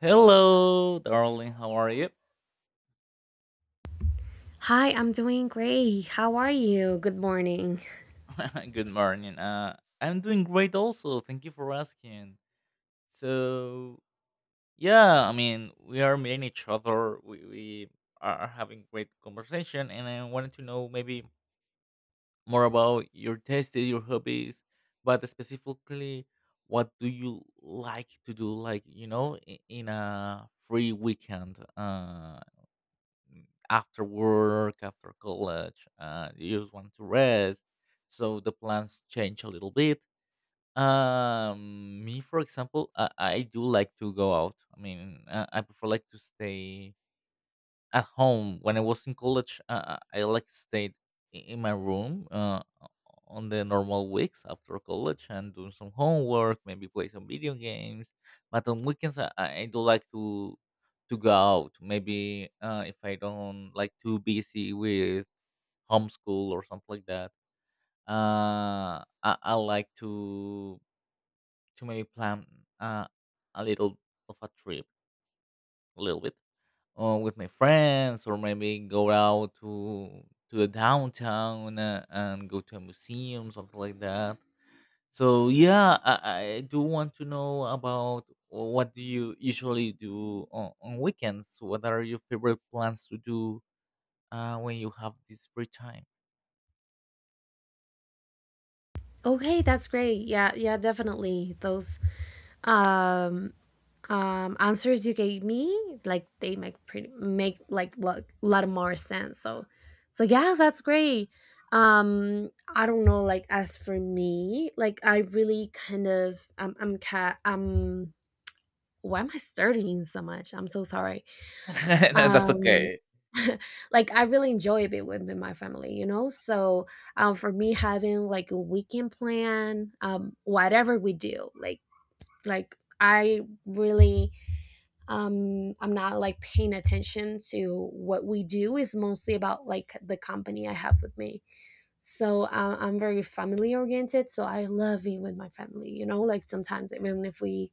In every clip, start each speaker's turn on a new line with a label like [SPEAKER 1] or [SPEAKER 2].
[SPEAKER 1] Hello, darling. How are you?
[SPEAKER 2] Hi, I'm doing great. How are you? Good morning.
[SPEAKER 1] Good morning. I'm doing great also. Thank you for asking. So, yeah, I mean, we are meeting each other. We are having great conversation, and I wanted to know maybe more about your tastes, your hobbies, but specifically, what do you like to do, like, you know, in a free weekend? After work, after college, you just want to rest. So the plans change a little bit. Me, for example, I do like to go out. I mean, I prefer like to stay at home. When I was in college, I like stayed in my room on the normal weeks after college, and doing some homework, maybe play some video games. But on weekends, I do like to go out. Maybe if I don't like too busy with homeschool or something like that, I like to maybe plan uh, a little of a trip, a little bit with my friends, or maybe go out to the downtown, and go to a museum, something like that. So yeah, I do want to know about what do you usually do on weekends. What are your favorite plans to do when you have this free time?
[SPEAKER 2] Okay, that's great. Yeah, yeah, definitely. Those um answers you gave me, like they make pretty make like a lot more sense. So yeah, that's great. I don't know, like as for me, like I really kind of I'm why am I starting so much? I'm so sorry.
[SPEAKER 1] That's
[SPEAKER 2] Um,
[SPEAKER 1] okay.
[SPEAKER 2] like, I really enjoy being with my family, you know? So, for me, having like a weekend plan, whatever we do, like I really, I'm not like paying attention to what we do. Is mostly about like the company I have with me. So I'm very family oriented. So I love being with my family, you know? Like sometimes, even if we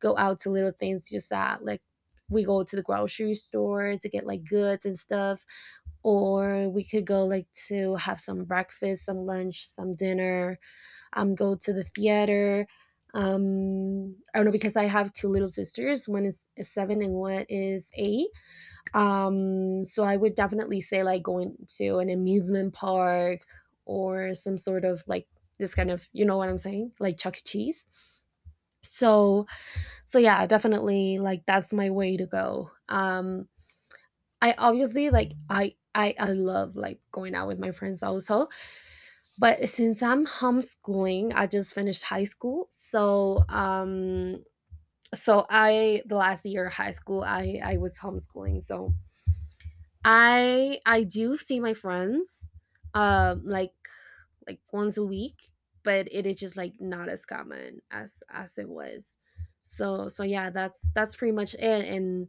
[SPEAKER 2] go out to little things, just that like we go to the grocery store to get like goods and stuff, or we could go like to have some breakfast, some lunch, some dinner, go to the theater. I don't know, because I have two little sisters, one is seven and one is eight. So I would definitely say like going to an amusement park or some sort of like this kind of, you know what I'm saying, like Chuck E. Cheese. So so yeah, definitely like that's my way to go. I obviously like I love like going out with my friends also, but since I'm homeschooling, I just finished high school, so I the last year of high school I was homeschooling, so I do see my friends um like like once a week, but it is just like not as common as it was. So yeah, that's pretty much it. and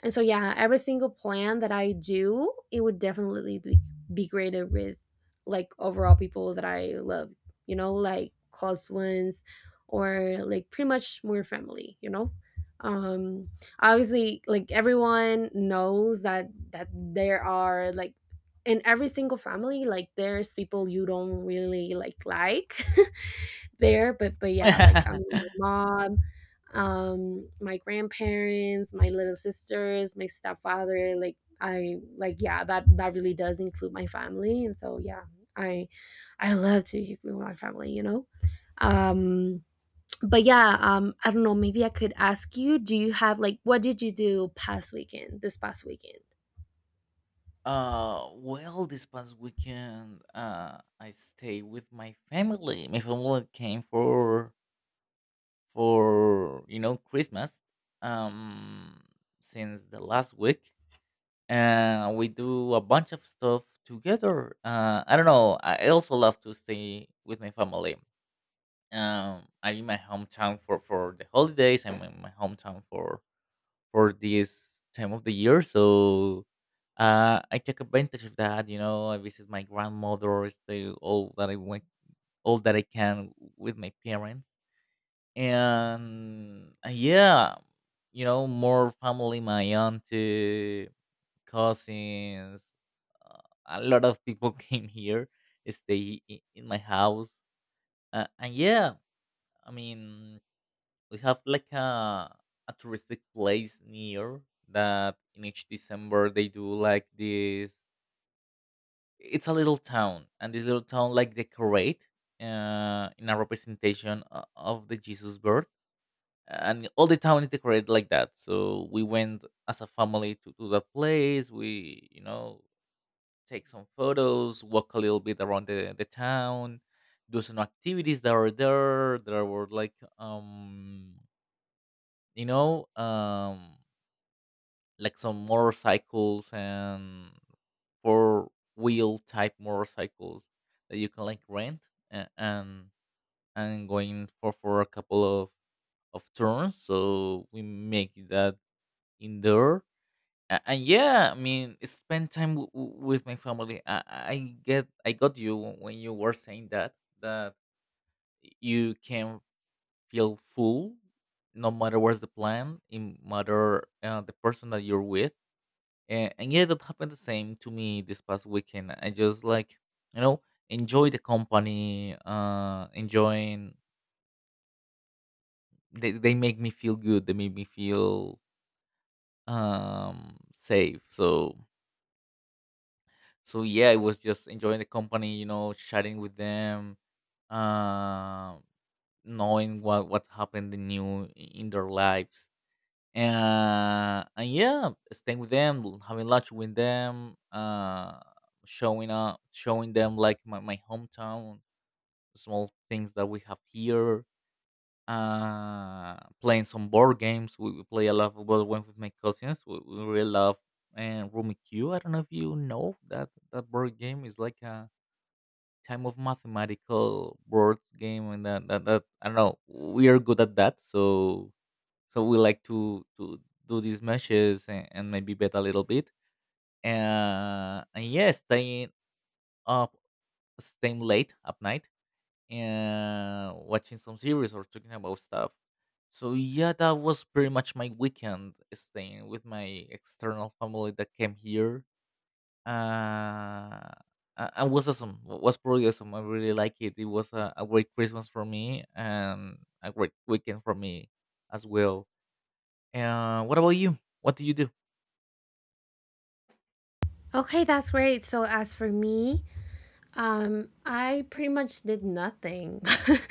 [SPEAKER 2] and so yeah, every single plan that I do, it would definitely be graded with like overall people that I love, you know, like close ones, or like pretty much more family, you know. um Obviously, like everyone knows that there are like, in every single family, like there's people you don't really like. There, but yeah, like I mean, my mom, my grandparents, my little sisters, my stepfather, like I, like yeah, that that really does include my family. And so yeah, i I love to be with my family, you know. um but yeah, I don't know, maybe I could ask you, do you have like, what did you do past weekend, this past weekend?
[SPEAKER 1] Well, this past weekend I stay with my family. My family came for, you know, Christmas, um since the last week, and we do a bunch of stuff together. I don't know, I also love to stay with my family. I'm in my hometown for the holidays. I'm in my hometown for this time of the year, so I take advantage of that, you know. I visit my grandmother, stay all that I want, all that I can with my parents, and yeah, you know, more family, my auntie, cousins, uh, a lot of people came here, stay in my house, and yeah, I mean, we have like a touristic place near that in each December they do like this. It's a little town, and this little town like decorate in a representation of the Jesus birth, and all the town is decorated like that. So we went as a family to that place. We, you know, take some photos, walk a little bit around the town, do some activities that were there. There were like, you know, like some motorcycles, and four-wheel type motorcycles that you can like rent, a- and and going for a couple of turns, so we make that indoor. And yeah, I mean, spend time with my family. I get, I got you when you were saying that that you can feel full no matter what's the plan, in matter the person that you're with. And yeah, that happened the same to me this past weekend. I just like, you know, enjoy the company. Enjoying, they make me feel good, they make me feel safe. So yeah, I was just enjoying the company, you know, chatting with them, uh, knowing what happened new in their lives, and yeah, staying with them, having lunch with them, showing up, showing them like my hometown, small things that we have here. Playing some board games. We play a lot of board games with my cousins. We really love and Rummy Q. I don't know if you know that that board game is like a time of mathematical board game, and that I don't know. We are good at that, so we like to do these meshes, and maybe bet a little bit. And yeah, staying up, staying late at night, and watching some series or talking about stuff. So yeah, that was pretty much my weekend staying with my external family that came here. uh, and was awesome. Was pretty awesome. I really like it. It was a great Christmas for me and a great weekend for me as well. What about you? What do you do?
[SPEAKER 2] Okay, that's great. So as for me, I pretty much did nothing.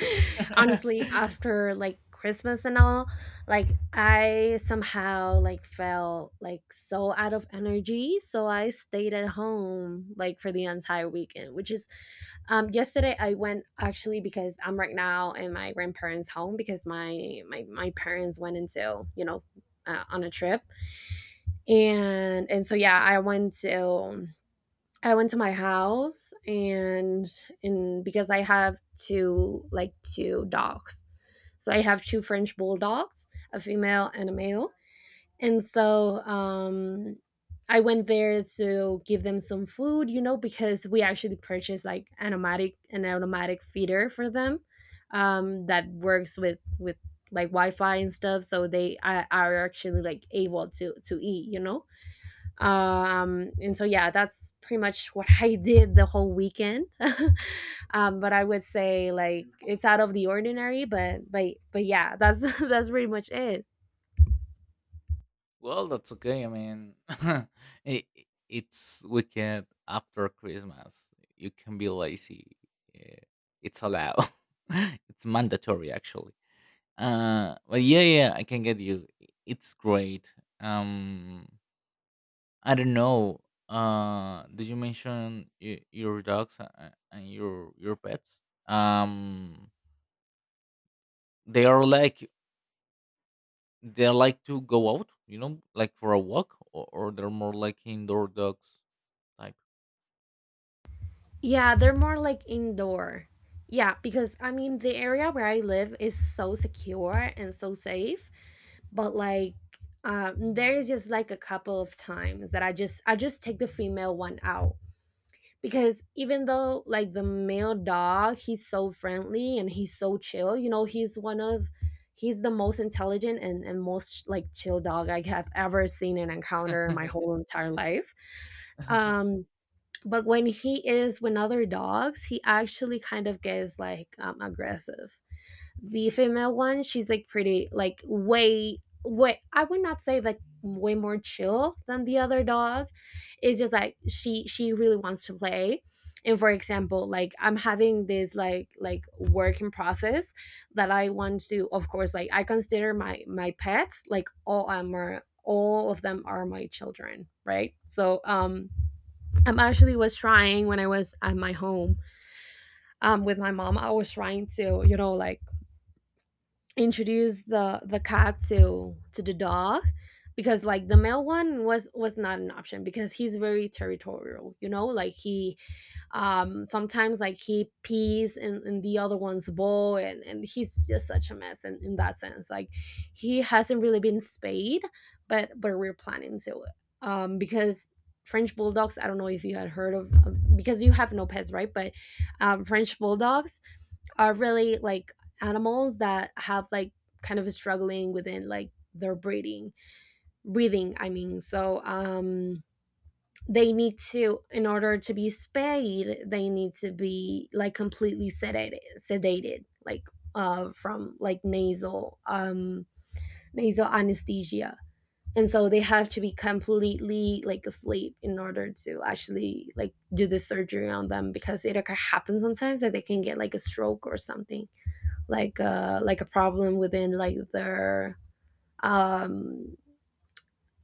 [SPEAKER 2] Honestly, after like Christmas and all, like I somehow like felt like so out of energy, so I stayed at home like for the entire weekend, which is yesterday I went, actually, because I'm right now in my grandparents' home because my parents went into, you know, on a trip. And so yeah, I went to my house, and because I have two, like two dogs. So I have two French bulldogs, a female and a male. And so I went there to give them some food, you know, because we actually purchased like an automatic, an automatic feeder for them that works with like Wi-Fi and stuff, so they are actually like able to eat, you know. And so yeah, that's pretty much what I did the whole weekend. But I would say like it's out of the ordinary, but yeah, that's that's pretty much it.
[SPEAKER 1] Well, that's okay. I mean, it, it's weekend after Christmas. You can be lazy. eh, It's allowed. It's mandatory, actually. But yeah, yeah, I can get you. It's great. Um, I don't know. Did you mention your dogs and your pets? Um, they are like they like to go out, you know, like for a walk, or they're more like indoor dogs type.
[SPEAKER 2] Yeah, they're more like indoor. Yeah, because I mean, the area where I live is so secure and so safe, but like, there is just like a couple of times that I just take the female one out, because even though like the male dog, he's so friendly and he's so chill, you know, he's one of he's the most intelligent and, most like chill dog I have ever seen and encountered in my whole entire life. um but when he is with other dogs, he actually kind of gets like aggressive. The female one, she's like pretty, like way, I would not say like way more chill than the other dog. It's just like she really wants to play. And for example, like I'm having this like work in process that I want to, of course, like I consider my my pets, like all am are, all of them are my children, right? So I'm actually was trying, when I was at my home with my mom, I was trying to, you know, like introduce the cat to the dog, because like the male one was not an option because he's very territorial, you know, like he sometimes like he pees in the other one's bowl, and he's just such a mess in that sense, like he hasn't really been spayed, but we're planning to. Because French bulldogs, I don't know if you had heard of- because you have no pets, right? But French bulldogs are really like animals that have like kind of struggling within like their breeding, breathing, I mean, so they need to, in order to be spayed, they need to be like completely sedated, like from like nasal nasal anesthesia, and so they have to be completely like asleep in order to actually like do the surgery on them, because it occur- happens sometimes that they can get like a stroke or something, like a problem within like their um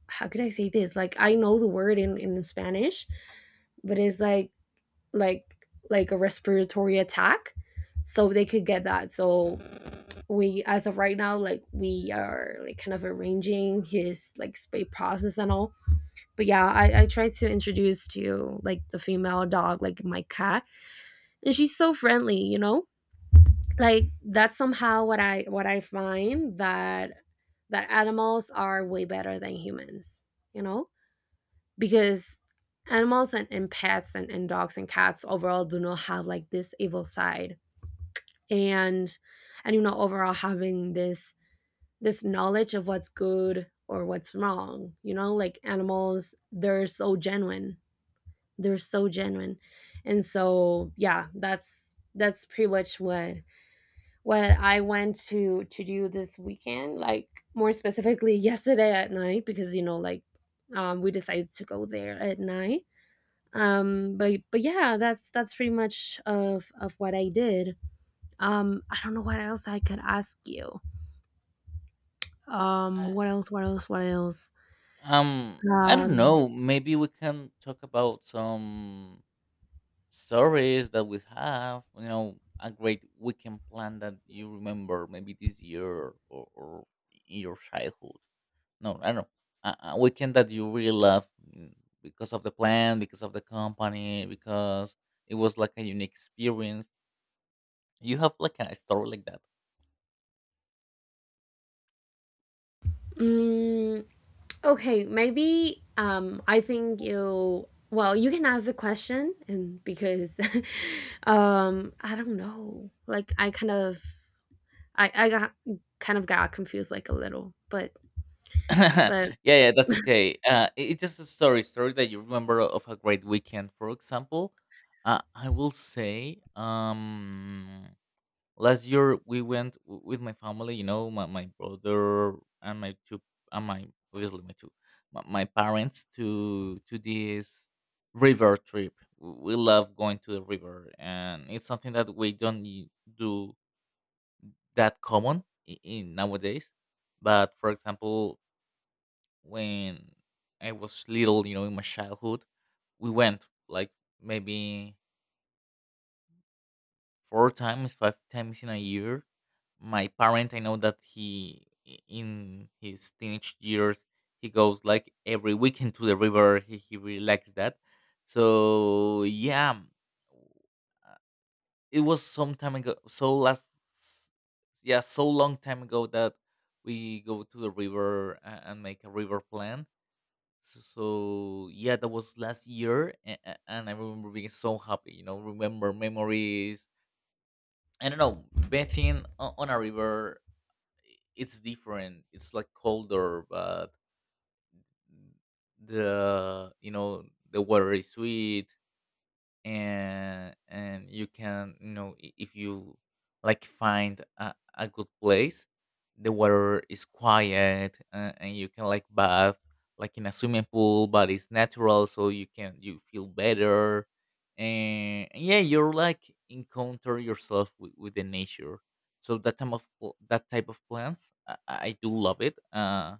[SPEAKER 2] how could I say this? Like, I know the word in Spanish, but it's like a respiratory attack. So they could get that. So we, as of right now, like we are like kind of arranging his like spay process and all. But yeah, I tried to introduce to like the female dog, like my cat, and she's so friendly, you know? Like that's somehow what I, what I find that, that animals are way better than humans, you know, because animals and pets and dogs and cats overall do not have like this evil side, and and you know, overall having this, this knowledge of what's good or what's wrong, you know, like animals, they're so genuine, they're so genuine. And so yeah, that's pretty much what I went to do this weekend, like more specifically yesterday at night, because you know, like we decided to go there at night. But yeah, that's pretty much of what I did. I don't know what else I could ask you.
[SPEAKER 1] I-
[SPEAKER 2] What else? What else? What else?
[SPEAKER 1] I don't
[SPEAKER 2] Um,
[SPEAKER 1] know, maybe we can talk about some stories that we have, you know, a great weekend plan that you remember maybe this year, or in your childhood. No, I don't know, a weekend that you really love, mm, because of the plan, because of the company, because it was like a unique experience. You have like a story like that.
[SPEAKER 2] mm, okay, maybe. I think you. Well, you can ask the question, and because I don't know. Like I kind of I got kind of got confused like a little,
[SPEAKER 1] Yeah,
[SPEAKER 2] but
[SPEAKER 1] yeah, that's okay. It's just a story that you remember of a great weekend. For example, I will say, last year we went with my family, you know, my brother and my two and my, obviously my two, my parents to this river trip. We love going to the river, and it's something that we don't do that common in nowadays. But for example, when I was little, you know, in my childhood, we went like maybe four times, five times in a year. My parent, I know that he, in his teenage years, he goes like every weekend to the river. He really likes that. So yeah, uh, it was some time ago. So last, yeah, so long time ago that we go to the river and make a river plan. So yeah, that was last year, and I remember being so happy. You know, remember memories, I don't know, bathing on a river, it's different. It's like colder, but the, you know, the water is sweet, and you can, you know, if you like find a good place, the water is quiet, and you can like bath like in a swimming pool, but it's natural so you can, you feel better. And yeah, you're like encounter yourself with the nature. So that time of that type of plants, I do love it.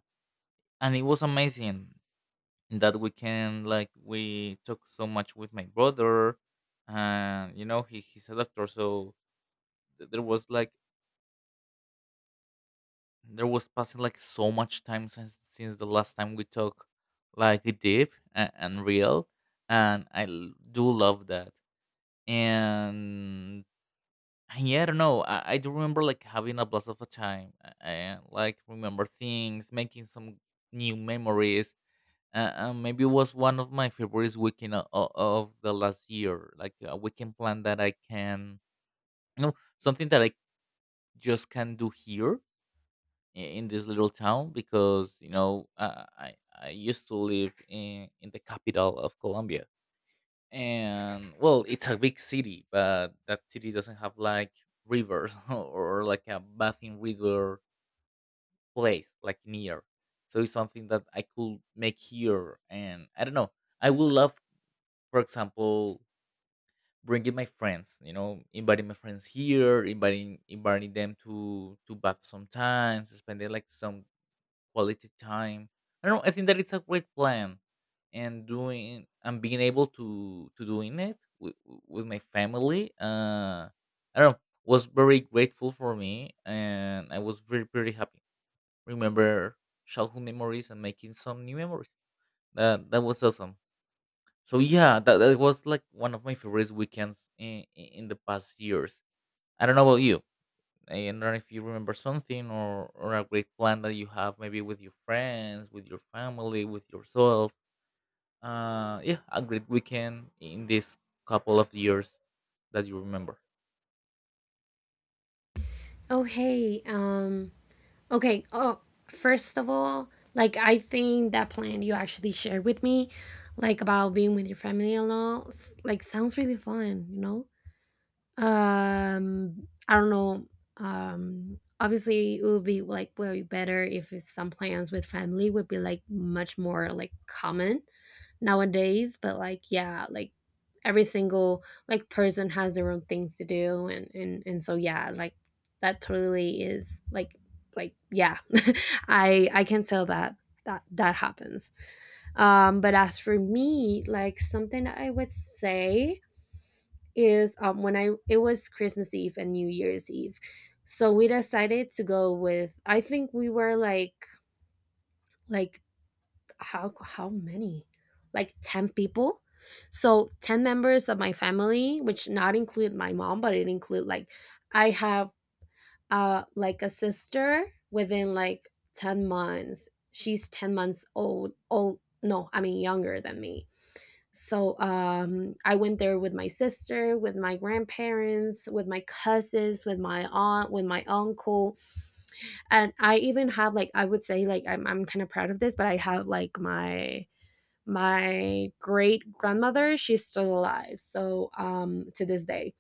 [SPEAKER 1] And it was amazing. In that weekend, like, we talked so much with my brother. And you know, he's a doctor, so there was like, there was passing like so much time since the last time we talked like deep, and real. And I do love that. And and yeah, I don't know, I do remember like having a blast of a time, and like remember things, making some new memories. Maybe it was one of my favorites weekend of the last year, like a weekend plan that I can, you know, something that I just can do here in this little town, because you know, I used to live in the capital of Colombia. And well, it's a big city, but that city doesn't have like rivers or like a bathing river place like near. So it's something that I could make here. And I don't know, I would love, for example, bringing my friends, you know, inviting my friends here, inviting them to bath sometimes, spending like some quality time. I don't know. I think that it's a great plan, and doing, and being able to doing it with my family. I don't know. Was very grateful for me, and I was very, very happy. Remember childhood memories, and making some new memories. That was awesome, so yeah, that was like one of my favorite weekends in the past years. I don't know about you. I don't know if you remember something or a great plan that you have, maybe with your friends, with your family, with yourself. Yeah, a great weekend in this couple of years that you remember.
[SPEAKER 2] oh hey, okay, oh, first of all, like I think that plan you actually shared with me, like about being with your family and all, s- like sounds really fun, you know? I don't know. Obviously, it would be like way better if it's some plans with family would be like much more like common nowadays. But like, yeah, like every single like person has their own things to do, and so yeah, like that totally is like yeah, I can tell that that happens. But as for me, like something I would say is when I, it was Christmas Eve and New Year's Eve. So we decided to go with, I think we were like how many? Like 10 people. So 10 members of my family, which not include my mom, but it include like I have like a sister within like 10 months. She's 10 months old no, I mean younger than me. So I went there with my sister, with my grandparents, with my cousins, with my aunt, with my uncle. And I even have, like, I would say, like, I'm kind of proud of this, but I have like my great grandmother, she's still alive, so to this day,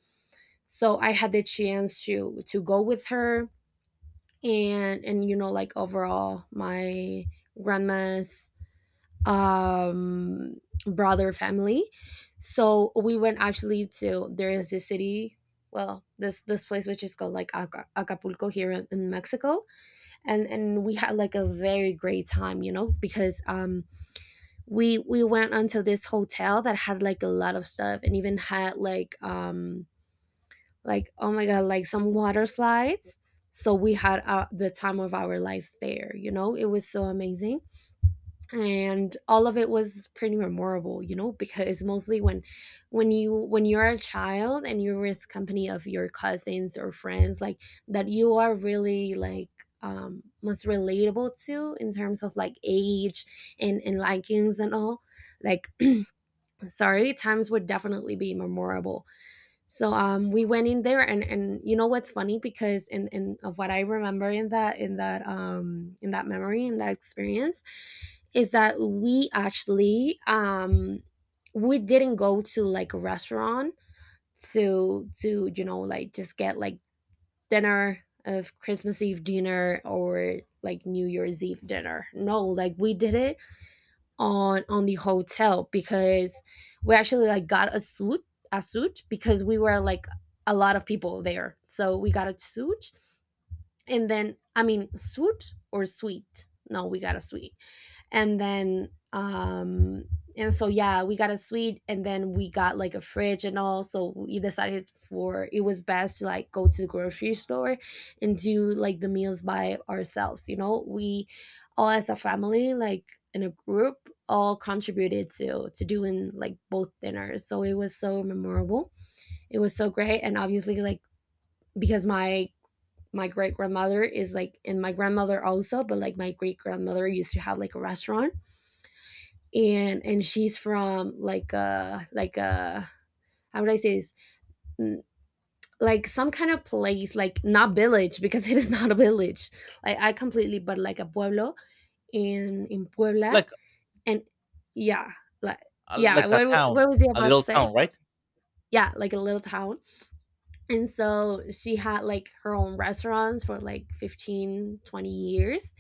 [SPEAKER 2] so I had the chance to go with her. And you know, like, overall my grandma's, um brother family. So we went actually to, there is this city, well this place, which is called like Acapulco, here in Mexico. And we had like a very great time, you know, because we went onto this hotel that had like a lot of stuff, and even had like, like, oh my god, like some water slides. So we had the time of our lives there, you know, it was so amazing. And all of it was pretty memorable, you know, because mostly when you when you're a child and you're with company of your cousins or friends, like, that you are really like, most relatable to in terms of like age and likings and all, like, sorry, times would definitely be memorable. So we went in there, and you know what's funny, because in of what I remember in that in that memory, in that experience, is that we actually, we didn't go to like a restaurant to, you know, like, just get like dinner of Christmas Eve dinner or like New Year's Eve dinner. No, like, we did it on the hotel, because we actually like got a suit, because we were like a lot of people there, so we got a suit. And then I mean, suit or suite, no, we got a suite. And then and so yeah, we got a suite, and then we got like a fridge and all, so we decided for it was best to like go to the grocery store and do like the meals by ourselves, you know, we all as a family, like, in a group, all contributed to doing like both dinners. So it was so memorable, it was so great. And obviously, like, because my great grandmother is like, and my grandmother also, but like my great grandmother used to have like a restaurant. And she's from like how would I say this? Mm, like some kind of place, like not village, because it is not a village. Like I completely, but like a pueblo in Puebla,
[SPEAKER 1] Like
[SPEAKER 2] and yeah, like yeah.
[SPEAKER 1] like a
[SPEAKER 2] What
[SPEAKER 1] town,
[SPEAKER 2] was he
[SPEAKER 1] a
[SPEAKER 2] about to
[SPEAKER 1] little
[SPEAKER 2] say?
[SPEAKER 1] town, right?
[SPEAKER 2] Yeah, like a little town. And so she had like her own restaurants for like 15, 20 years,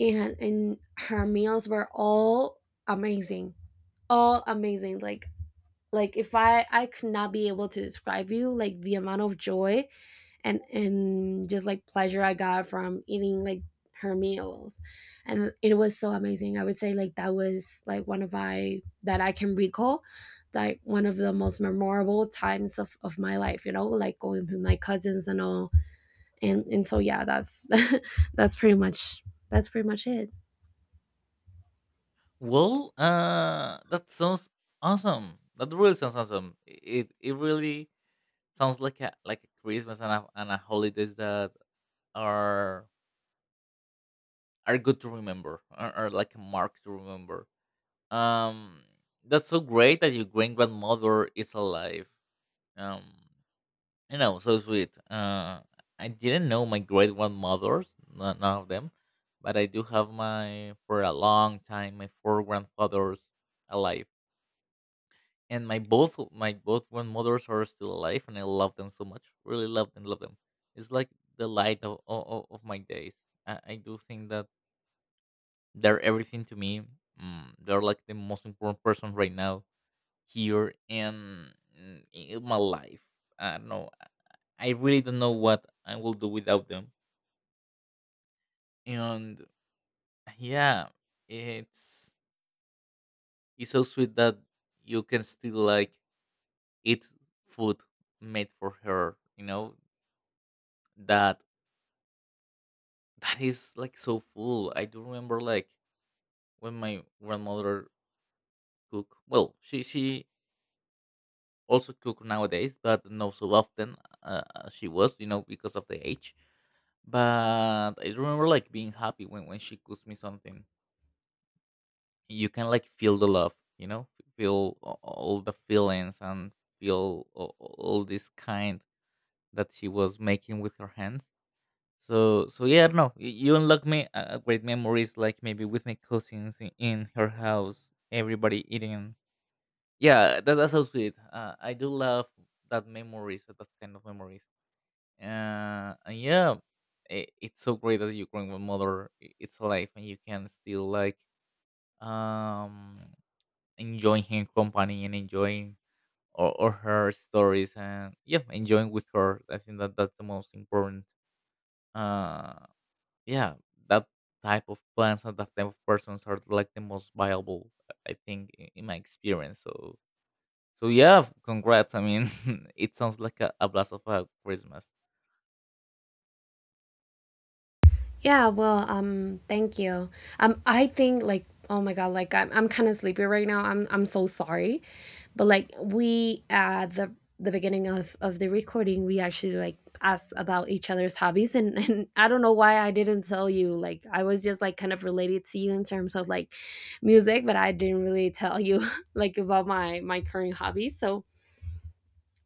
[SPEAKER 2] and her meals were all amazing, all amazing. Like, if I could not be able to describe you like the amount of joy and just like pleasure I got from eating like her meals. And it was so amazing, I would say, like, that was like one of my, that I can recall, like, one of the most memorable times of my life, you know, like going with my cousins and all. And so yeah, that's that's pretty much that's pretty much it.
[SPEAKER 1] Well, that sounds awesome. That really sounds awesome. It really sounds like a Christmas and a holidays that are are good to remember, are like a mark to remember. um that's so great that your great grandmother is alive. um you know, so sweet. I didn't know my great grandmothers, none of them, but I do have, my, for a long time, my four grandfathers alive, and my both grandmothers are still alive, and I love them so much, really love them, love them. It's like the light of my days. I do think that they're everything to me. Mm, they're like the most important person right now here and, mm, in my life. I don't know. I really don't know what I will do without them. And yeah, it's it's so sweet that you can still like eat food made for her. You know that that is like so full. I do remember like when my grandmother cook. Well, she also cook nowadays, but not so often, as she was, you know, because of the age. But I remember like being happy when she cooks me something. You can like feel the love, you know, feel all the feelings and feel all this kind that she was making with her hands. So so yeah, no, you unlock me great memories, like maybe with my cousins in her house, everybody eating. Yeah, that's so sweet. I do love that memories, that kind of memories. And yeah, I it's so great that you're your grandmother it's life, and you can still like, um enjoying her company and enjoying or her stories, and yeah, enjoying with her. I think that that's the most important. Uh, yeah, that type of plans and that type of persons are like the most viable, I think, in my experience. So so yeah, congrats. I mean, it sounds like a blast of a Christmas.
[SPEAKER 2] Yeah, well, thank you. I think like, oh my god, like I'm kind of sleepy right now. I'm so sorry, but like we at the beginning of the recording, we actually like asked about each other's hobbies, and and I don't know why I didn't tell you. Like I was just like kind of related to you in terms of like music, but I didn't really tell you like about my current hobbies. So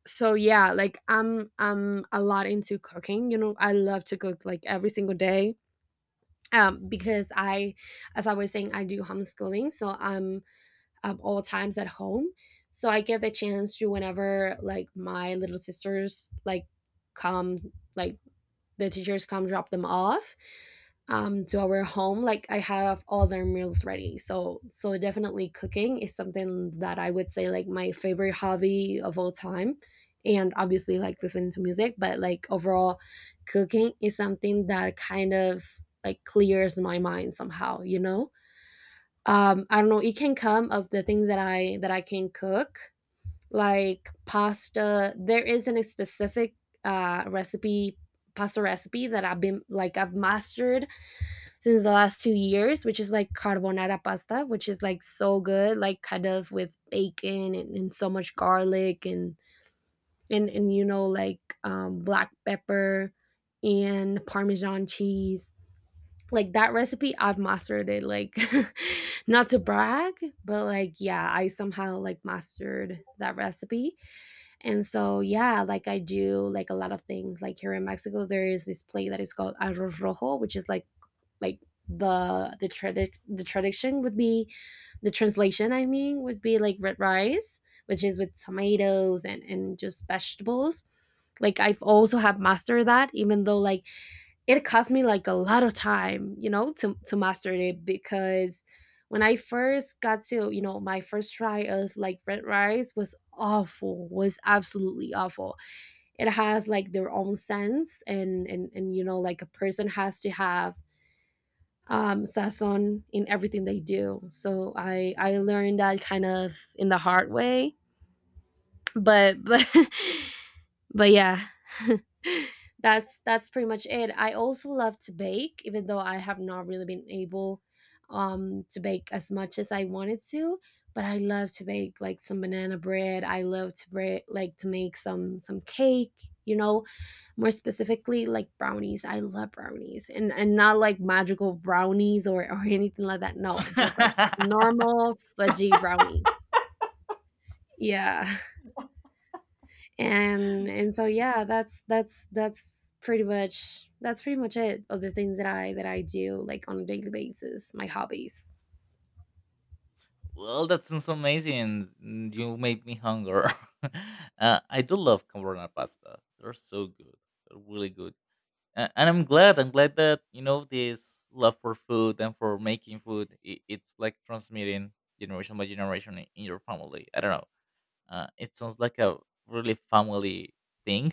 [SPEAKER 2] yeah, like I'm a lot into cooking. You know, I love to cook like every single day, because as I was saying, I do homeschooling, so I'm all times at home. So I get the chance to, whenever like my little sisters like come, like, the teachers come drop them off, to our home. Like I have all their meals ready. So definitely cooking is something that I would say, like, my favorite hobby of all time. And obviously, like, listening to music, but like overall cooking is something that kind of like clears my mind somehow, you know? I don't know, it can come of the things that I can cook, like pasta, there isn't a specific recipe pasta recipe that I've been like, I've mastered since the last 2 years, which is like carbonara pasta, which is like so good, like kind of with bacon and so much garlic and, you know, like, black pepper and parmesan cheese. Like, that recipe I've mastered it, like not to brag, but like yeah, I somehow like mastered that recipe. And so, yeah, like I do like a lot of things. Like here in Mexico, there is this plate that is called arroz rojo, which is like, the the tradition would be, the translation I mean would be like red rice, which is with tomatoes and just vegetables. Like I've also have mastered that, even though like it cost me like a lot of time, you know, to master it, because when I first got to, you know, my first try of like red rice was awful, was absolutely awful. It has like their own sense, and and, you know, like a person has to have sazon in everything they do. So I learned that kind of in the hard way, but but yeah that's pretty much it. I also love to bake, even though I have not really been able to bake as much as I wanted to, but I love to bake like some banana bread. I love to bread, like to make some cake, you know, more specifically like brownies. I love brownies, and not like magical brownies or anything like that, no, just like normal fudgy brownies. Yeah. And so yeah, that's pretty much it, of the things that I do like on a daily basis, my hobbies.
[SPEAKER 1] Well, that sounds amazing. Mm, you made me hunger. I do love carbonara pasta. They're so good. They're really good. And I'm glad. I'm glad that you know this love for food and for making food. I It's like transmitting generation by generation in your family. I don't know. It sounds like a really family thing.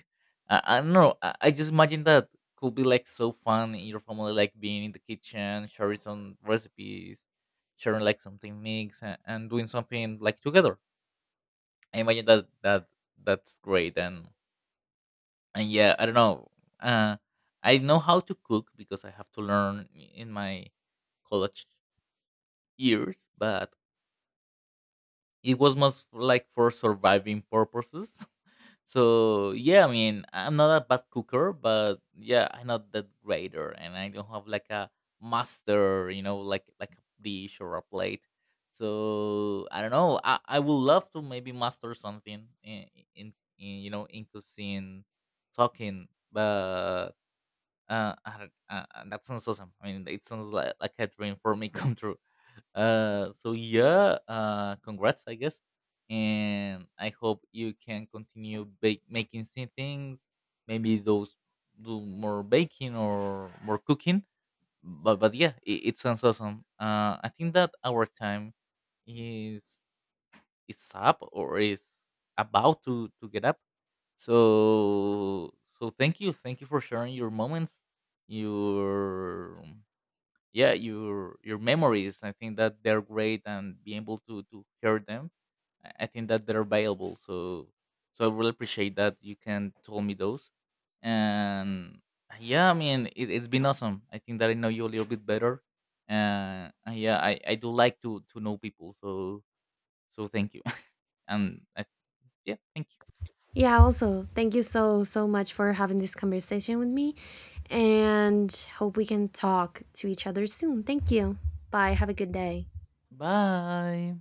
[SPEAKER 1] I don't know. I just imagine that could be like so fun in your family, like being in the kitchen, sharing some recipes, sharing like something mix, and doing something like together. I imagine that that's great. And yeah, I don't know. Uh, I know how to cook because I have to learn in my college years, but it was most like for surviving purposes. So yeah, I mean, I'm not a bad cooker, but yeah, I'm not that greater, and I don't have like a master, you know, like a dish or a plate. So I don't know. I would love to maybe master something in in you know in cuisine, talking, but I don't, that sounds awesome. I mean, it sounds like a dream for me come true. So yeah, congrats, I guess, and I hope you can continue making same things. Maybe those do more baking or more cooking. But yeah, it sounds awesome. I think that our time is is up or is about to get up. So so thank you for sharing your moments, your yeah your memories. I think that they're great, and being able to hear them, I think that they're valuable. So so I really appreciate that you can tell me those. And yeah, I mean it, it's been awesome. I think that I know you a little bit better. And yeah, I do like to know people. So so thank you. And I, yeah, thank you.
[SPEAKER 2] Yeah, also thank you so much for having this conversation with me, and hope we can talk to each other soon. Thank you. Bye, have a good day.
[SPEAKER 1] Bye.